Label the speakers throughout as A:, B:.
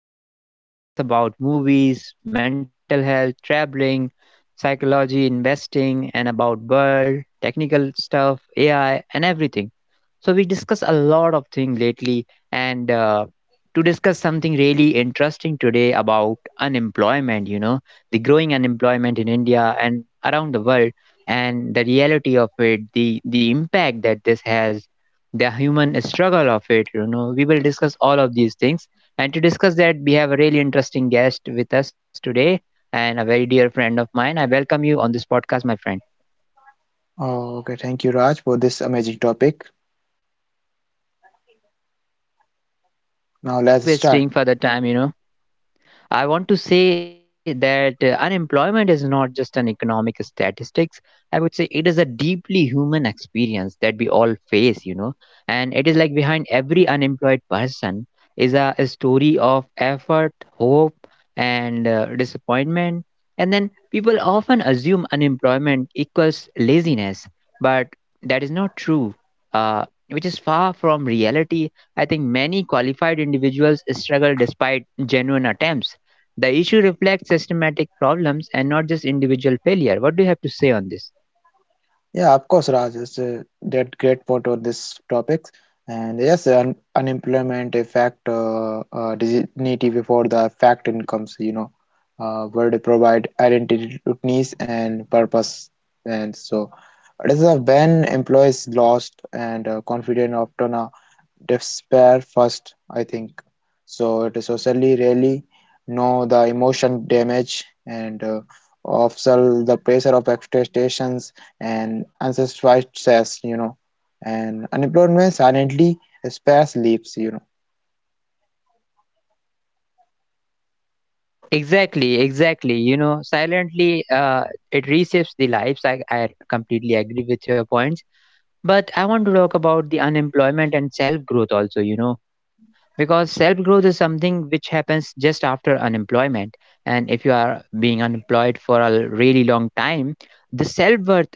A: podcast where we discuss about movies, mental health, traveling, psychology, investing, and about world, technical stuff, AI, and everything. So we discuss a lot of things lately, and to discuss something really interesting today about unemployment. You know, the growing unemployment in India and around the world, and the reality of it, the impact that this has the human struggle of it. We will discuss all of these things, and to discuss that we have a really interesting guest with us today and a very dear friend of mine. I welcome you on this podcast, my friend.
B: Oh, okay. Thank you, Raj, for this amazing topic.
A: Yes, so
B: Now
A: without
B: let's start.
A: wasting further time. I want to say that unemployment is not just an economic statistics. I would say it is a deeply human experience that we all face, you know. And it is like behind every unemployed person is a story of effort, hope, and disappointment. And then people often assume unemployment equals laziness, but that is not true. Which is far from reality. I think many qualified individuals struggle despite genuine attempts. The issue reflects systematic problems and not just individual failure. What do you have to say on this?
B: Yeah, of course, Raj is that great part of this topic. And yes, un unemployment effect, dignity before the fact incomes, you know, where they provide identity, needs, and purpose. And so, it is when employees lost and confident often. Despair first, I think. So it is socially really know the emotion damage and observe the pressure of expectations and unsatisfied stress, you know, and unemployment silently spares leaves, you know.
A: Exactly, exactly. You know, silently, it reshapes the lives. I completely agree with your points. But I want to talk about the unemployment and self growth also, you know, because self growth is something which happens just after unemployment. And if you are being unemployed for a really long time, the self worth,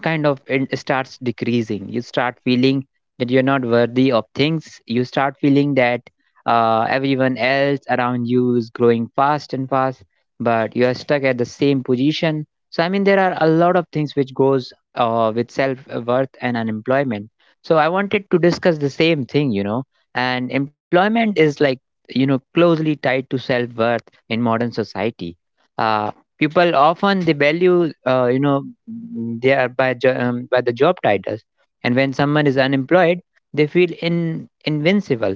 A: kind of it starts decreasing. You start feeling that you're not worthy of things. You start feeling that everyone else around you is growing fast and fast, but you are stuck at the same position. So I mean there are a lot of things which goes with self worth and unemployment. So I wanted to discuss the same thing, you know. And employment is like, you know, closely tied to self worth in modern society. Uh, People often they value you know, they are by by the job titles. And when someone is unemployed, they feel in invincible.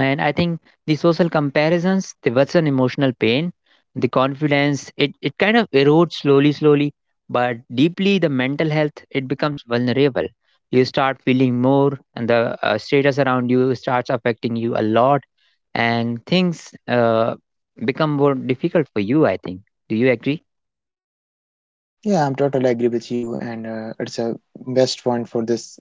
A: And I think the social comparisons they worsen emotional pain. The confidence, it kind of erodes slowly slowly, but deeply the mental health it becomes vulnerable. You start feeling more, and the status around you starts affecting you a lot, and things become more difficult for you, I think. Do you agree?
B: Yeah, I'm totally agree with you, and it's a best point for this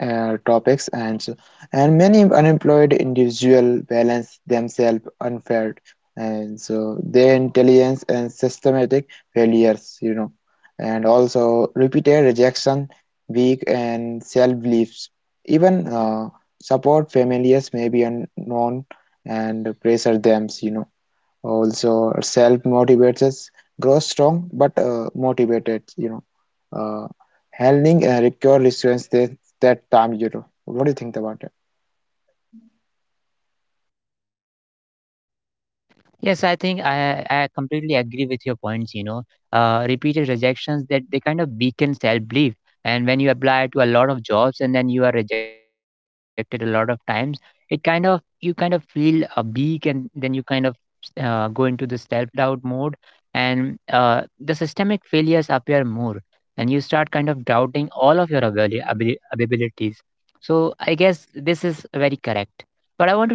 B: topics and and many unemployed individuals balance themselves unfair and so their intelligence and systematic failures, you know, and also repeated rejection weak and self-beliefs, even support families may be unknown and pressure them, you know. Also self motivates us, grows strong but motivated, you know. uh, handling require resilience that time, you know. What do you think about it?
A: Yes, I think I completely agree with your points. You know, repeated rejections that they kind of weaken self belief. And when you apply to a lot of jobs and then you are rejected a lot of times, it kind of, you kind of feel a weak, and then you kind of go into the self doubt mode, and the systemic failures appear more, and you start kind of doubting all of your abilities. So I guess this is very correct. But I want to talk about the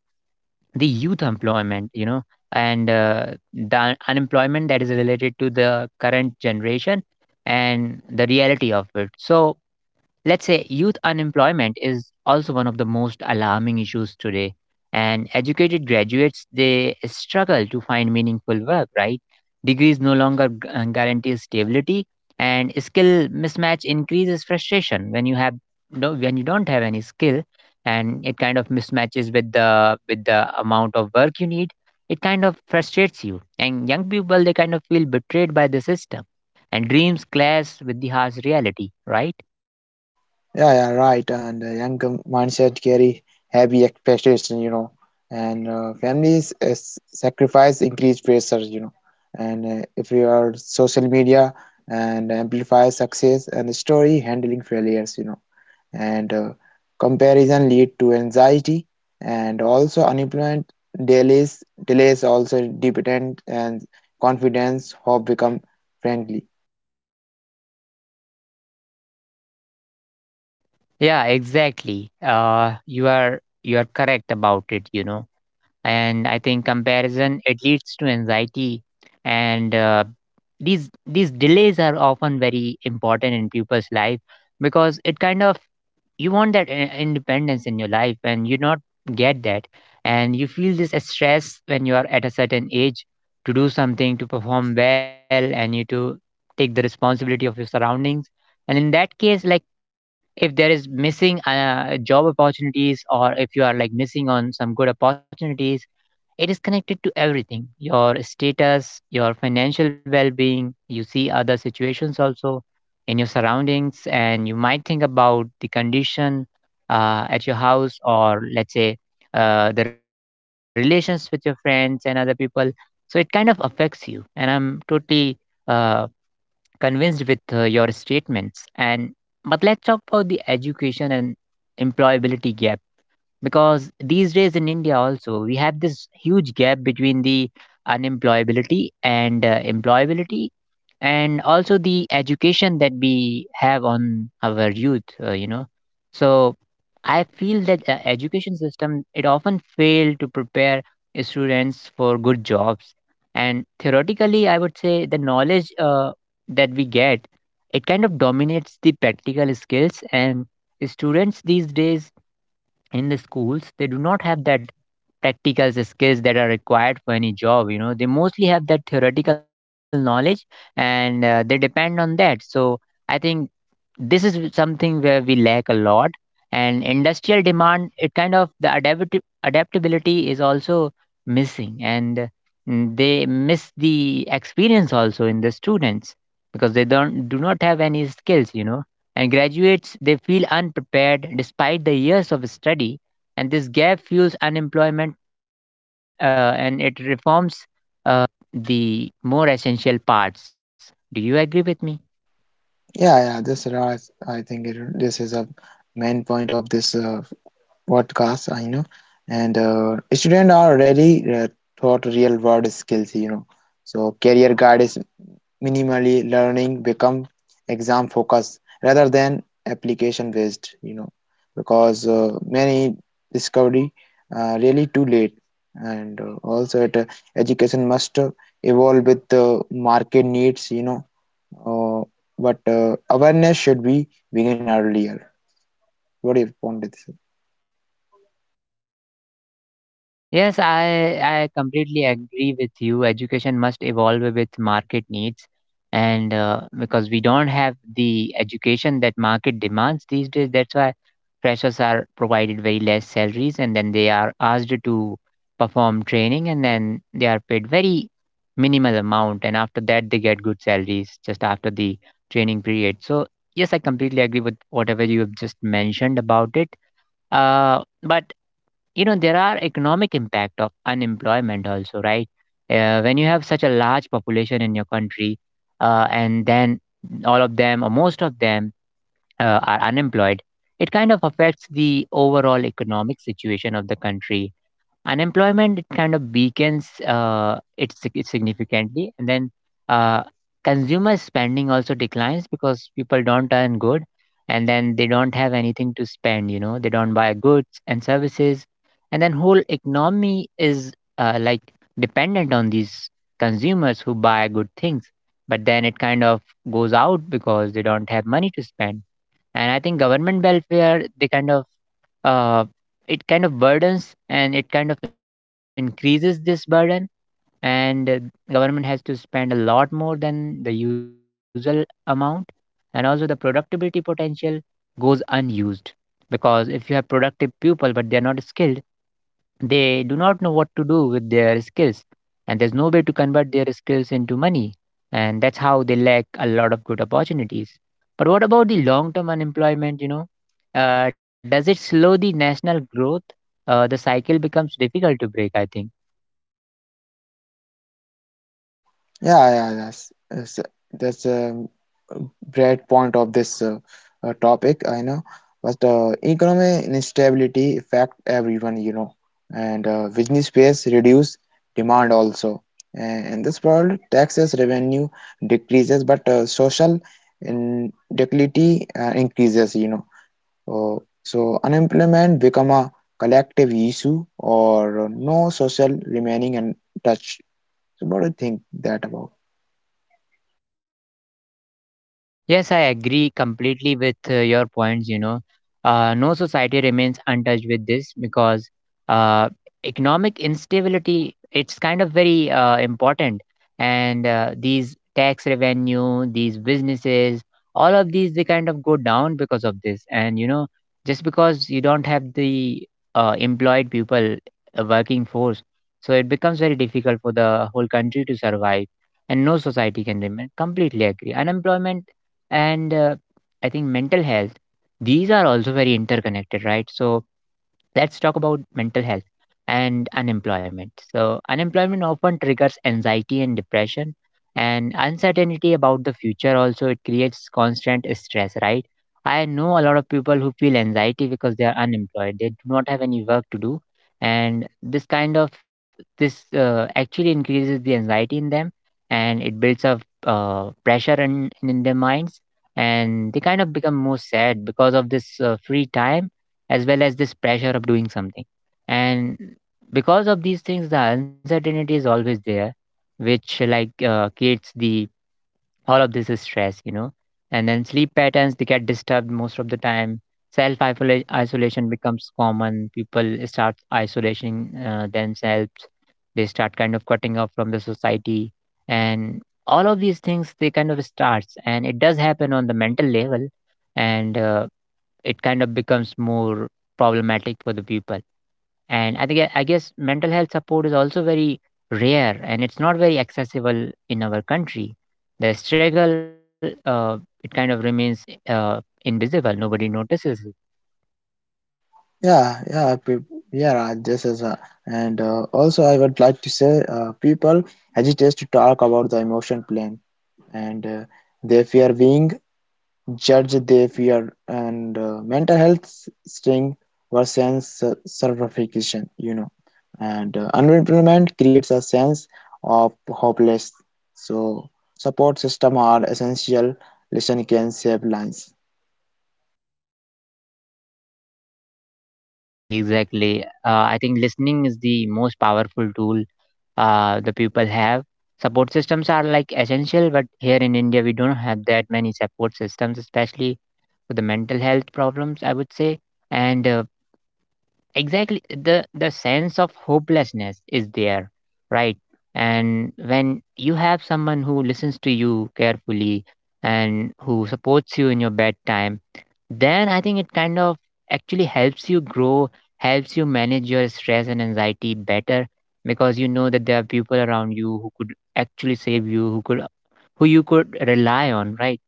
A: youth employment, you know, and the unemployment that is related to the current generation and the reality of it. So let's say youth unemployment is also one of the most alarming issues today. And educated graduates, they struggle to find meaningful work, right? Degrees no longer guarantee stability, and skill mismatch increases frustration when you have no, when you don't have any skill, and it kind of mismatches with the amount of work you need. It kind of frustrates you, and young people they kind of feel betrayed by the system, and dreams clash with the harsh reality, right?
B: Yeah, yeah, right, and mindset carry heavy expectation, you know, and families sacrifice increased pressure, you know, and if you are social media and amplify success and story handling failures, you know, and comparison lead to anxiety, and also unemployment delays also dependent, and confidence hope become friendly.
A: Yeah, exactly. You are correct about it, you know. And I think comparison it leads to anxiety, and these delays are often very important in people's life, because it kind of, you want that independence in your life and you not get that, and you feel this stress when you are at a certain age to do something, to perform well, and you to take the responsibility of your surroundings. And in that case, like, if there is missing job opportunities, or if you are like missing on some good opportunities, it is connected to everything, your status, your financial well being. You see other situations also in your surroundings, and you might think about the condition at your house, or let's say, the relations with your friends and other people. So it kind of affects you. And I'm totally uh, convinced with your statements. And but let's talk about the education and employability gap, because these days in India also we have this huge gap between the unemployability and employability, and also the education that we have on our youth, you know. So I feel that education system it often fail to prepare students for good jobs. And theoretically I would say the knowledge that we get, it kind of dominates the practical skills. And students these days, in the schools, they do not have that practical skills that are required for any job, you know. They mostly have that theoretical knowledge, and they depend on that. So I think this is something where we lack a lot. And industrial demand it kind of, the adaptability is also missing. And they miss the experience also in the students because they don't do not have any skills, you know. And graduates they feel unprepared despite the years of study, and this gap fuels unemployment, and it reforms uh, the more essential parts. Do you agree with me?
B: Yeah, yeah, this is, I think this is a main point of this podcast, I know. And students are already taught real world skills, you know, so career guide is minimally learning become exam focused rather than application based, you know, because many discovery really too late. And also education must evolve with the market needs, you know. uh, but awareness should be begin earlier. What do you want to say?
A: Yes, I completely agree with you. Education must evolve with market needs, and because we don't have the education that market demands these days, that's why freshers are provided very less salaries, and then they are asked to perform training, and then they are paid very minimal amount, and after that they get good salaries just after the training period. So yes, I completely agree with whatever you have just mentioned about it. But you know there are economic impact of unemployment also, right? When you have such a large population in your country, and then all of them, or most of them are unemployed, it kind of affects the overall economic situation of the country. Unemployment it kind of weakens it significantly, and then uh, consumer spending also declines, because people don't earn good, and then they don't have anything to spend, you know. They don't buy goods and services, and then whole economy is like dependent on these consumers who buy good things, but then it kind of goes out because they don't have money to spend. And I think government welfare they kind of uh, it kind of burdens, and it kind of increases this burden. And government has to spend a lot more than the usual amount. And also the productivity potential goes unused, because if you have productive people but they are not skilled, they do not know what to do with their skills, and there's no way to convert their skills into money, and that's how they lack a lot of good opportunities. But what about the long term unemployment? You know, does it slow the national growth? The cycle becomes difficult to break, I think.
B: Yeah, yeah, that's that's a great point of this topic, I know. But economic instability affect everyone, you know, and business space reduce demand also. And in this world, taxes revenue decreases, but social inequality increases, you know. So unemployment become a collective issue, or no social remaining untouched. So what do you think that about?
A: Yes, I agree completely with your points. You know, no society remains untouched with this, because uh, economic instability it's kind of very important, and these tax revenue, these businesses, all of these they kind of go down because of this. And you know, just because you don't have the employed people, working force, so it becomes very difficult for the whole country to survive, and no society can remain. Completely agree. Unemployment and I think mental health, these are also very interconnected, right? So let's talk about mental health and unemployment. So, unemployment often triggers anxiety and depression, and uncertainty about the future also it creates constant stress, right? I know a lot of people who feel anxiety because they are unemployed. They do not have any work to do, and this kind of, this actually increases the anxiety in them, and it builds up pressure in their minds, and they kind of become more sad because of this free time, as well as this pressure of doing something. And because of these things, the uncertainty is always there, which like creates the all of this stress, you know. And then sleep patterns they get disturbed most of the time. Self isolation becomes common. People start isolating themselves. They start kind of cutting off from the society, and all of these things they kind of starts, and it does happen on the mental level, and it kind of becomes more problematic for the people. And I think I guess mental health support is also very rare, and it's not very accessible in our country. The struggle it kind of remains uh, invisible. Nobody notices it.
B: Yeah, yeah, yeah, this is a, and also I would like to say people hesitate to talk about the emotion plane, and they fear being judged, they fear and mental health sting versus certification, you know, and unemployment creates a sense of hopeless. So support system are essential. Listen can save lives.
A: Exactly, exactly. I think listening is the most powerful tool the people have. Support systems are like essential, but here in India we don't have that many support systems, especially for the mental health problems, I would say. And exactly the sense of hopelessness is there, right? And when you have someone who listens to you carefully and who supports you in your bad time, then I think it kind of actually helps you grow, helps you manage your stress and anxiety better, because you know that there are people around you who could actually save you, who you could rely on, right?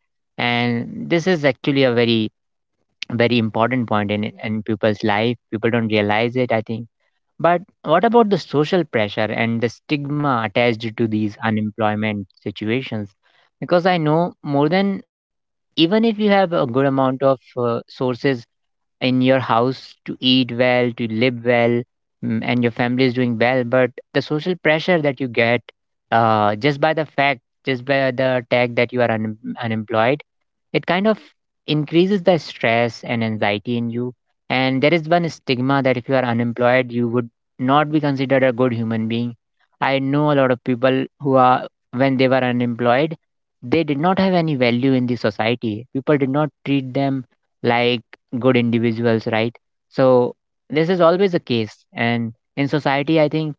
A: And this is actually a very, very important point in people's life. People don't realize it, I think. But what about the social pressure and the stigma attached to these unemployment situations? Because I know more than, even if you have a good amount of sources in your house to eat well, to live well, and your family is doing well, but the social pressure that you get just by the fact, just by the tag that you are unemployed, it kind of increases the stress and anxiety in you. And there is one stigma that if you are unemployed, you would not be considered a good human being. I know a lot of people who are, when they were unemployed, they did not have any value in the society. People did not treat them like good individuals, right? So, this is always the case. And in society, I think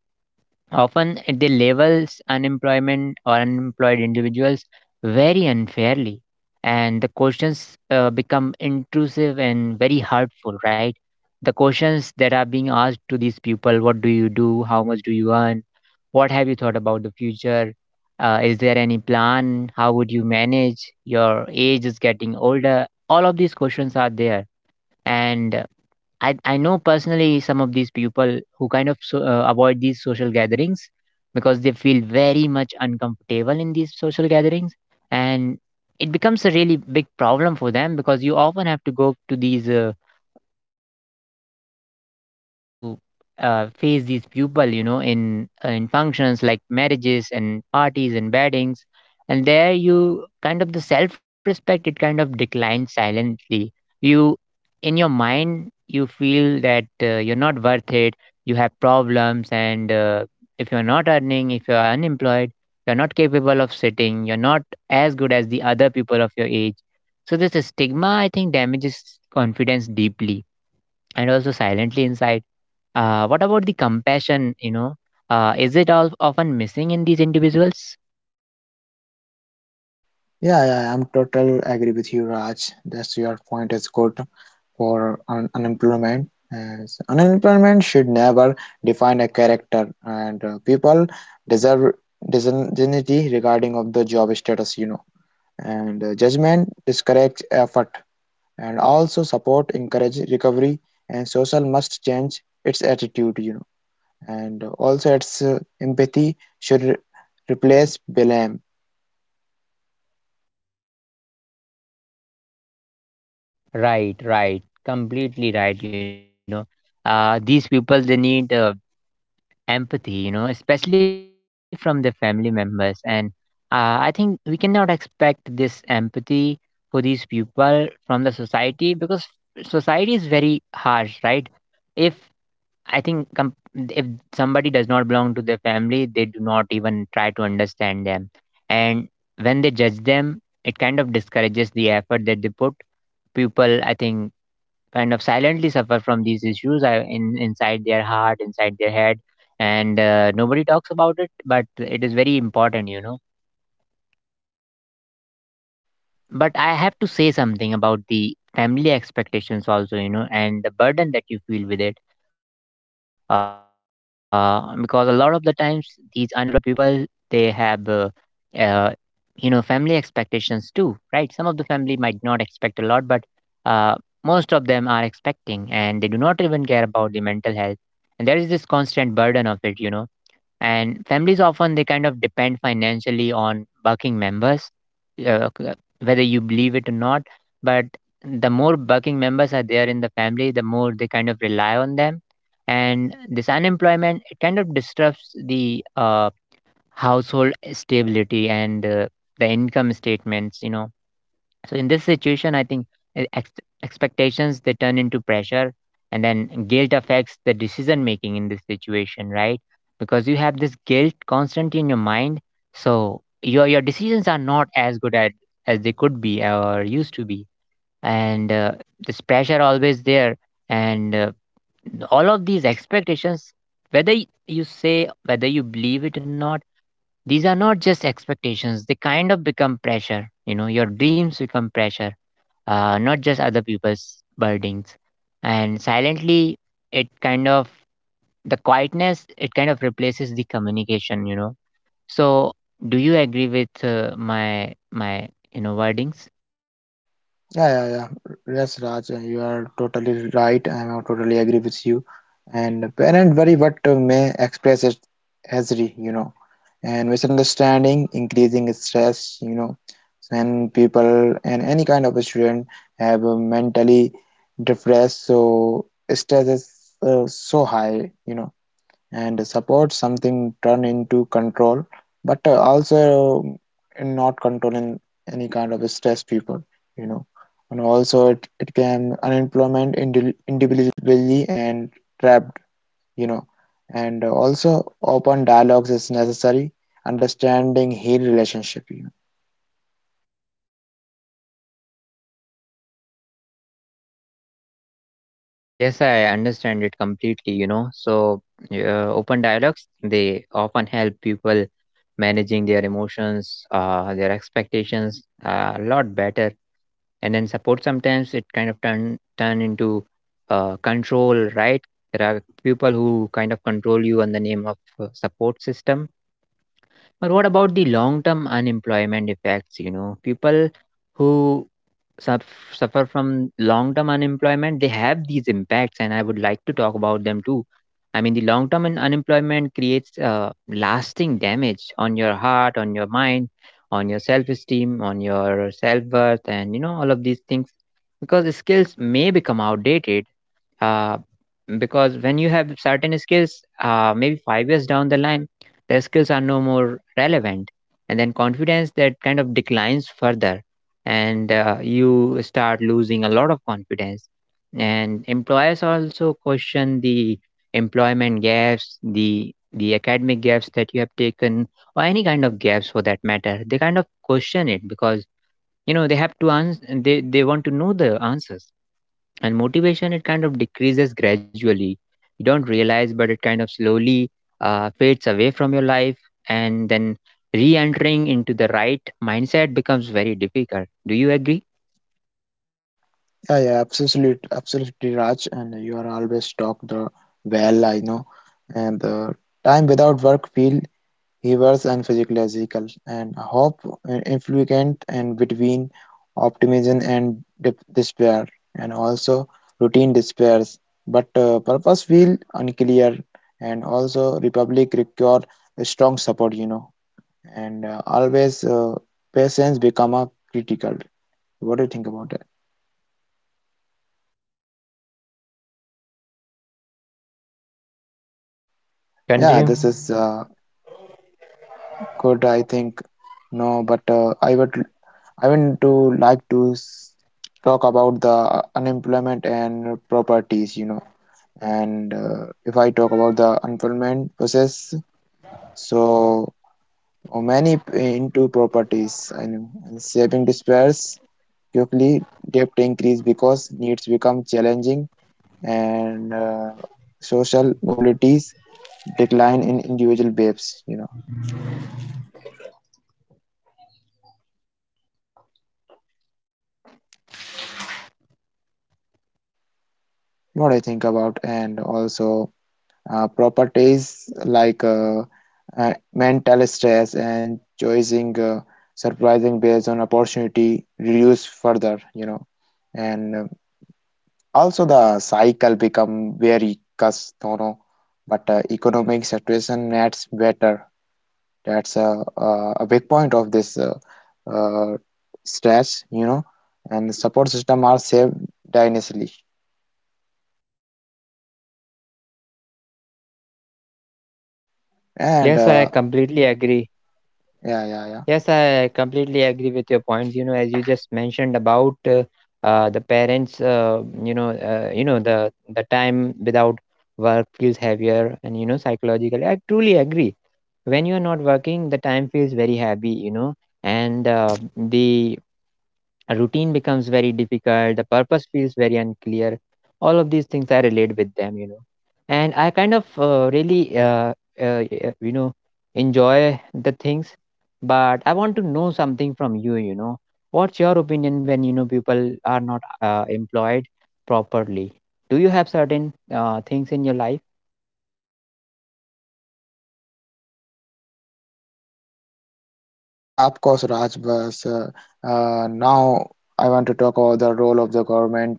A: often they labels unemployment or unemployed individuals very unfairly, and the questions become intrusive and very hurtful, right? The questions that are being asked to these people: what do you do? How much do you earn? What have you thought about the future? Is there any plan? How would you manage? Your age is getting older. All of these questions are there. And I know personally some of these people who kind of so, avoid these social gatherings because they feel very much uncomfortable in these social gatherings, and it becomes a really big problem for them because you often have to go to these often have to
B: Yeah.
A: face these people, you know, in functions like marriages and parties and weddings, and there you kind of the self-respect it kind of declines silently. You, in your mind, you feel that you're not worth it. You have problems, and if you're not earning, if you're unemployed, you're not capable of sitting. You're not as good as the other people of your age. So this stigma, I think, damages confidence deeply, and also silently inside. What about the compassion? You know, is it all often missing in these individuals?
B: Yeah, yeah, I'm totally agree with you, Raj. That's your point is good for un unemployment. As unemployment should never define a character, and people deserve deserve dignity regarding of the job status, you know. And judgment discourages effort, and also support encourage recovery. And social must change its attitude, you know. And also, its empathy should replace blame.
A: Right, right, completely right. You know, these people they need empathy. You know, especially from their family members, and I think we cannot expect this empathy for these people from the society because society is very harsh, right? If I think com- if somebody does not belong to their family, they do not even try to understand them. And when they judge them, it kind of discourages the effort that they put. People, I think, kind of silently suffer from these issues in inside their heart, inside their head, and nobody talks about it. But it is very important, you know. But I have to say something about the family expectations also, you know, and the burden that you feel with it. Because a lot of the times, these unemployed people they have uh, you know, family expectations too, right? Some of the family might not expect a lot, but uh, most of them are expecting, and they do not even care about the mental health, and there is this constant burden of it, you know. And families often they kind of depend financially on working members. uh, c- uh, Whether you believe it or not, but the more working members are there in the family, the more they kind of rely on them. And this unemployment it kind of disrupts the household stability, and the income statements, you know. So in this situation, I think uh, ex- expectations they turn into pressure, and then guilt affects the decision making in this situation, right? Because you have this guilt constantly in your mind, so your decisions are not as good at as they could be or used to be, and this pressure always there, and all of these expectations, whether you say, whether you believe it or not, these are not just expectations; they kind of become pressure. You know, your dreams become pressure, not just other people's burdens. And silently, it kind of, the quietness, it kind of replaces the communication, you know. So, do you agree with my wordings?
B: Yeah, yeah, yeah. Yes, Raj, you are totally right. I am totally agree with you. And parent worry what may express it as re, you know, and misunderstanding, increasing stress, you know, when people and any kind of a student have a mentally depressed, so stress is so high, you know, and support something turn into control, but also not controlling any kind of stress people, you know. And also it can unemployment individually and trapped, you know. And also open dialogues is necessary understanding heal relationship, you know.
A: Yes, I understand it completely, you know. So, open dialogues, they often help people managing their emotions, their expectations a lot better, and then support sometimes it kind of turn into control, right? There are people who kind of control you in the name of support system. But what about the long term unemployment effects? You know, people who suffer from long term unemployment, they have these impacts, and I would like to talk about them too. I mean, the long term unemployment creates lasting damage on your heart, on your mind, on your self esteem, on your self worth, and you know, all of these things, because skills may become outdated, uh, because when you have certain skills, maybe 5 years down the line the skills are no more relevant. And then confidence that kind of declines further, and you start losing a lot of confidence. And employers also question the employment gaps, the academic gaps that you have taken, or any kind of gaps for that matter, they kind of question it because you know they have to answer, they want to know the answers. And motivation it kind of decreases gradually. You don't realize, but it kind of slowly fades away from your life, and then re-entering into the right mindset becomes very difficult. Do you agree?
B: Yeah, yeah, absolutely, absolutely, Raj, and you are always talk the well, I know. And the time without work feel he was unphysiological and hope, influent and between optimism and despair, and also routine despairs. But purpose feel unclear, and also Republic require a strong support, you know, and always patience become a critical. What do you think about it? Yeah,
A: Continue.
B: this is good. I think no, but I want to like to s- talk about the unemployment and properties, you know. And if I talk about the unemployment process, so many into properties, I know, and saving despairs quickly, debt increase because needs become challenging, and social mobilities decline in individual babes, you know. What I think about, and also. Properties like mental stress and choosing surprising based on opportunity reduce further, you know. And also the cycle become very custom, but economic situation nets better. That's a big point of this uh, stress, you know. And support system are saved dynastically. And
A: Yes, I completely agree.
B: yeah, yeah, yeah.
A: Yes, I completely agree with your points. You know, as you just mentioned about the parents, the time without work feels heavier, and you know, psychologically, I truly agree. When you are not working, the time feels very heavy, you know, and the a routine becomes very difficult, the purpose feels very unclear, all of these things I relate with them, you know. And I kind of really uh, you know, enjoy the things. But I want to know something from you, you know. What's your opinion when you know people are not employed properly? Do you have certain things in your life?
B: Yeah, of course, Raj. But now I want to talk about the role of the government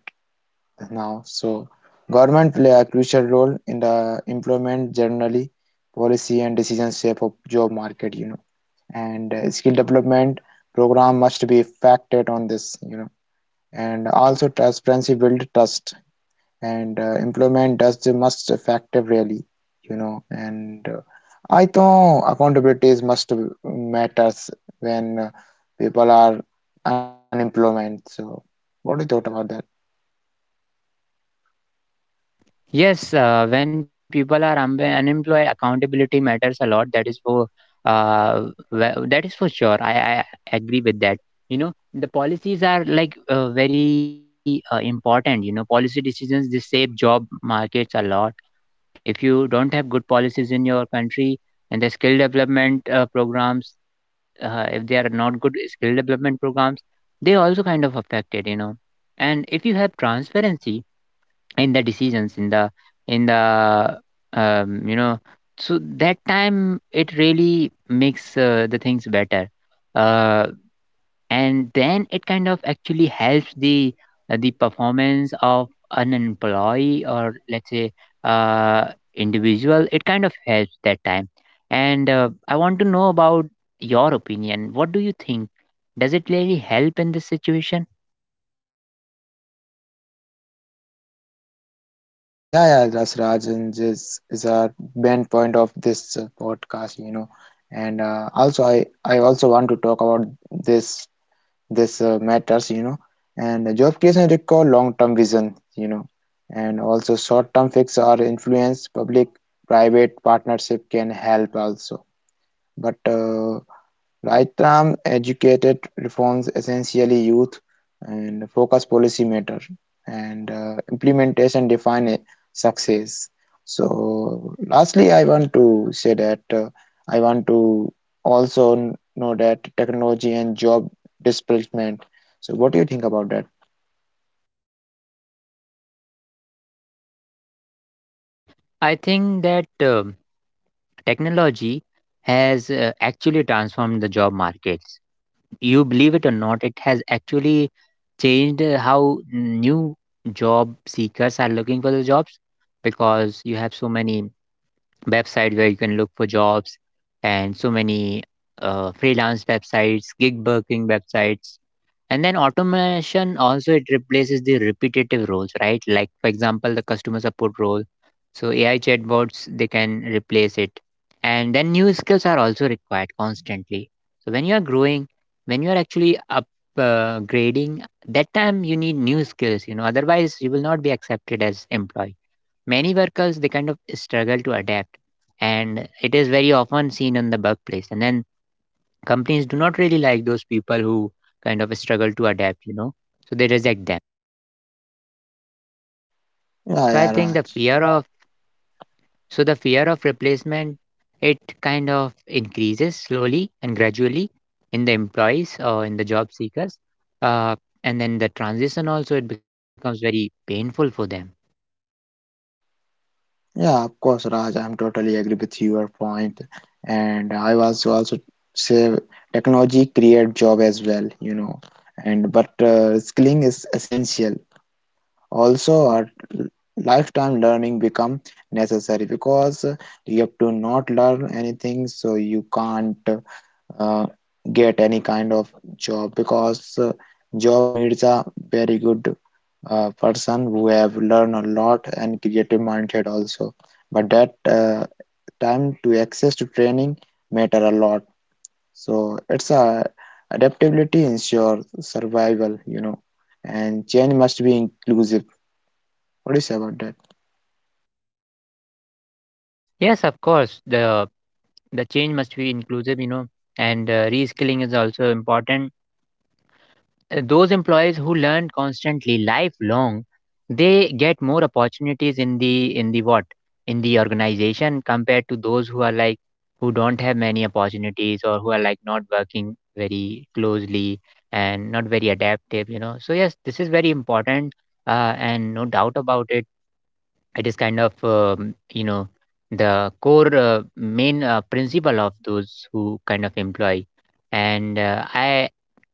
B: now. So, government play a crucial role in the employment generally, policy and decision shape of job market, you know. And skill development program must be factored on this, you know. And also transparency build trust, and employment does the must effective really, you know. And I think accountability is must matters when people are unemployment. So what do you thought about that?
A: Yes, when people are unemployed, accountability matters a lot. That is for well, that is for sure. I agree with that. You know, the policies are like very important. You know, policy decisions they shape job markets a lot. If you don't have good policies in your country, and the skill development programs, if they are not good skill development programs, they also kind of affected. You know, and if you have transparency in the decisions in the um, you know so that time it really makes the things better, uh, and then it kind of actually helps the performance of an employee, or let's say uh, individual it kind of helps that time. And I want to know about your opinion, what do you think, does it really help in this situation?
B: Yeah, yeah, that's Rajan, this is a main point of this podcast, you know. And also I also want to talk about this, this matters, you know. And job creation require long-term vision, you know, and also short-term fix or influence public private partnership can help also, but right-arm educated reforms essentially youth and focus policy matter, and implementation define a success. So lastly, I want to say that I want to also know that technology and job displacement. So what do you think about that?
A: I think that uh, technology has actually transformed the job markets. You believe it or not, it has actually changed how new job seekers are looking for the jobs, because you have so many websites where you can look for jobs, and so many freelance websites, gig working websites, and then automation also, it replaces the repetitive roles, right? Like for example the customer support role, so AI chatbots, they can replace it. And then new skills are also required constantly. So when you are growing, when you are actually up grading, that time you need new skills, you know, otherwise you will not be accepted as employee. Many workers, they kind of struggle to adapt, and it is very often seen in the workplace. And then companies do not really like those people who kind of struggle to adapt, you know, so they reject them.
B: Yeah,
A: so i
B: yeah,
A: think the
B: Raj.
A: fear of so the fear of replacement, it kind of increases slowly and gradually in the employees or in the job seekers. uh, and then the transition also, it becomes very painful for them.
B: Yeah, of course, Raj. I'm totally agree with your point, and I was also say technology create job as well, you know, and but skilling is essential. Also, our l- lifetime learning become necessary because you have to not learn anything, so you can't uh, get any kind of job because job needs a very good person who have learned a lot and creative mindset also, but that time to access to training matter a lot, so it's a adaptability ensure survival, you know, and change must be inclusive. What do you say about that?
A: Yes, of course, the change must be inclusive, you know. And reskilling is also important. Those employees who learn constantly, lifelong, they get more opportunities in the what in the organization, compared to those who are like, who don't have many opportunities, or who are like not working very closely and not very adaptive, you know. So yes, this is very important, and no doubt about it. It is kind of, the core main principle of those who kind of employ. And I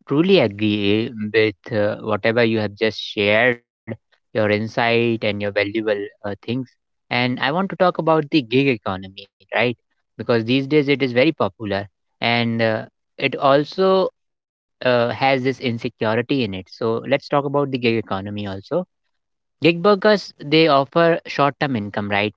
A: truly agree, with whatever you have just shared, your insight and your valuable things. And I want to talk about the gig economy, right? Because these days it is very popular, and it also has this insecurity in it. So let's talk about the gig economy also. Gig workers, they offer short term income, right?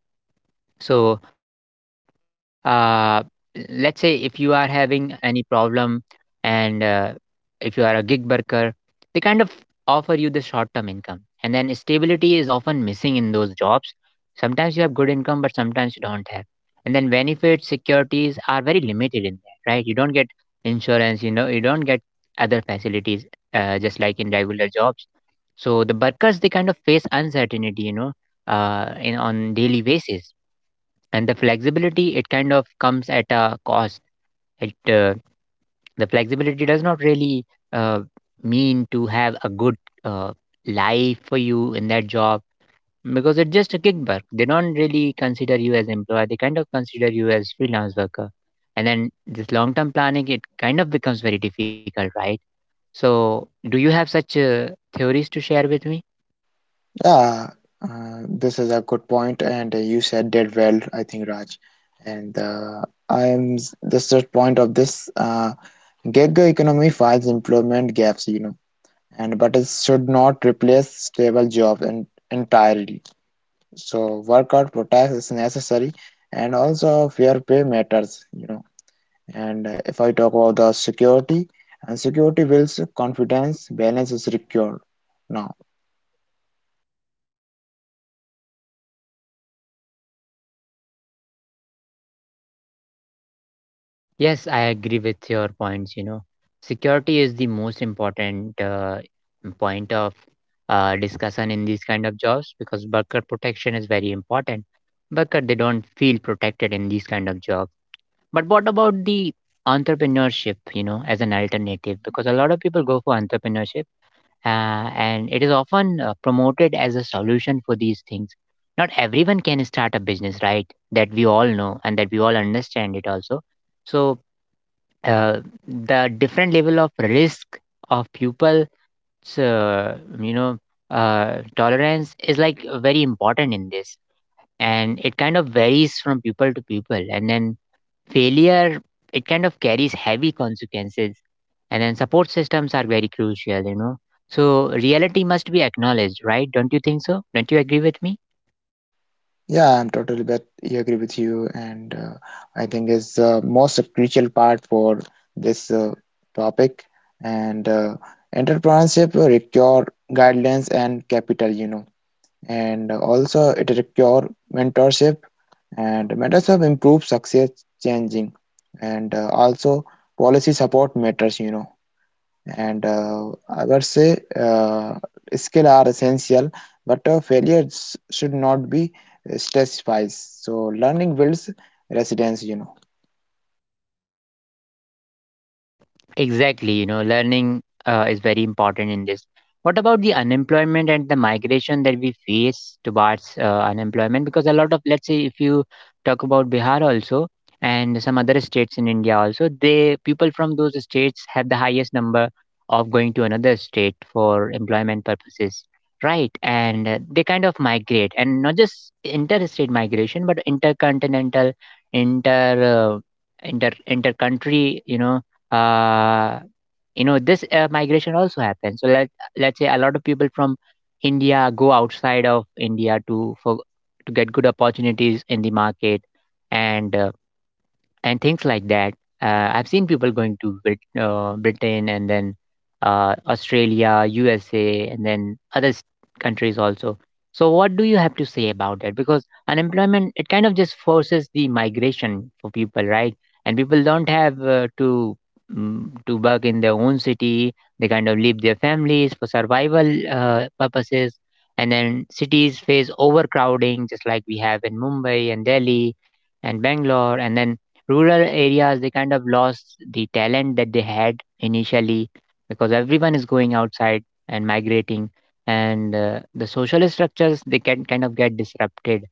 A: So, uh, let's say if you are having any problem and if you are a gig worker, they kind of offer you the short term income. And then stability is often missing in those jobs. Sometimes you have good income, but sometimes you don't have. And then benefits, securities are very limited in there, right? You don't get insurance, you know, you don't get other facilities just like in regular jobs. So the workers, they kind of face uncertainty, you know, in on daily basis. And the flexibility, it kind of comes at a cost. It The flexibility does not really uh, mean to have a good uh, life for you in that job, because it's just a gig work, they don't really consider you as employer, they kind of consider you as freelance worker. And then this long term planning, it kind of becomes very difficult, right? So do you have such theories to share with me?
B: Yeah, this is a good point, and you said that well, I think, Raj. And I am this is the point of this gig economy finds employment gaps, you know, and but it should not replace stable jobs and entirely. So workout protest is necessary, and also fair pay matters, you know. And if I talk about the security, and security builds confidence, balance is secured. Now,
A: Yes, I agree with your points. You know, security is the most important point of discussion in these kind of jobs, because worker protection is very important. Worker, they don't feel protected in these kind of jobs. But what about the entrepreneurship? You know, as an alternative, because a lot of people go for entrepreneurship, and it is often promoted as a solution for these things. Not everyone can start a business, right? That we all know, and that we all understand it also. So uh, the different level of risk of pupils, uh, you know tolerance is like very important in this, and it kind of varies from pupil to pupil. And then failure, it kind of carries heavy consequences. And then support systems are very crucial, you know. So reality must be acknowledged, right? Don't you think so? Don't you agree with me?
B: yeah, I'm totally bet I agree with you, and I think it's the most crucial part for this topic. And entrepreneurship require guidelines and capital, you know, and also it requires mentorship, and mentorship improves success changing, and also policy support matters, you know. And I would say skill are essential, but failures should not be stressifies, so learning builds resilience, you know.
A: Exactly, you know, learning is very important in this. What about the unemployment and the migration that we face towards unemployment? Because a lot of, let's say, if you talk about Bihar also and some other states in India also, they, people from those states have the highest number of going to another state for employment purposes, right? And they kind of migrate, and not just interstate migration, but intercontinental, inter uh, inter country, you know. uh, you know, this migration also happens, so let's say a lot of people from India go outside of India to, for to get good opportunities in the market, and uh, and things like that. I've seen people going to Britain, and then Australia, USA, and then other s- countries also. So, what do you have to say about that? Because unemployment, it kind of just forces the migration for people, right? And people don't have to work in their own city. They kind of leave their families for survival purposes. And then cities face overcrowding, just like we have in Mumbai and Delhi and Bangalore. And then rural areas, they kind of lost the talent that they had initially, because everyone is going outside and migrating. And the social structures, they can kind of get disrupted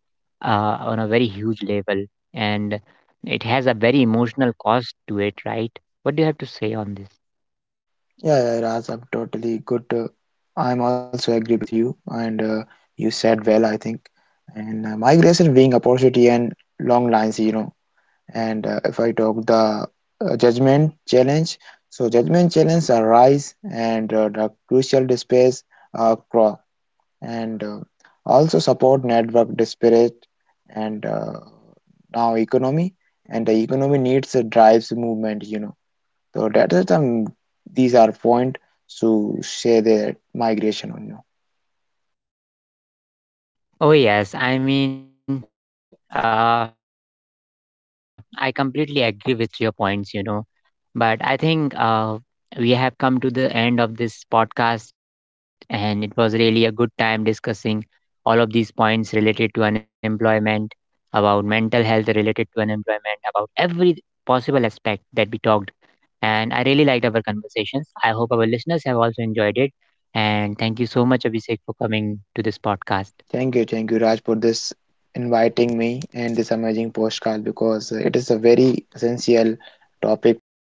A: on a very huge level. And it has a very emotional cost to it, right? What do you have to say on this?
B: Yeah, yeah, Raj, I'm totally good, I'm also agree with you, and you said well, I think. And migration being opportunity and long lines, you know. And if I talk the judgment challenge, so judgment challenge arise, and the crucial space cross, and also support network disparate, and now economy and the economy needs a drives movement, you know. So that is the these are point to say that migration on you.
A: Oh, yes. I mean, I completely agree with your points, you know. But I think we have come to the end of this podcast, and it was really a good time discussing all of these points related to unemployment, about mental health related to unemployment, about every possible aspect that we talked. And I really liked our conversations. I hope our listeners have also enjoyed it. And thank you so much, Abhishek, for coming to this podcast.
B: Thank you, thank you, Raj, for this inviting me and this amazing postcard because it is a very essential topic for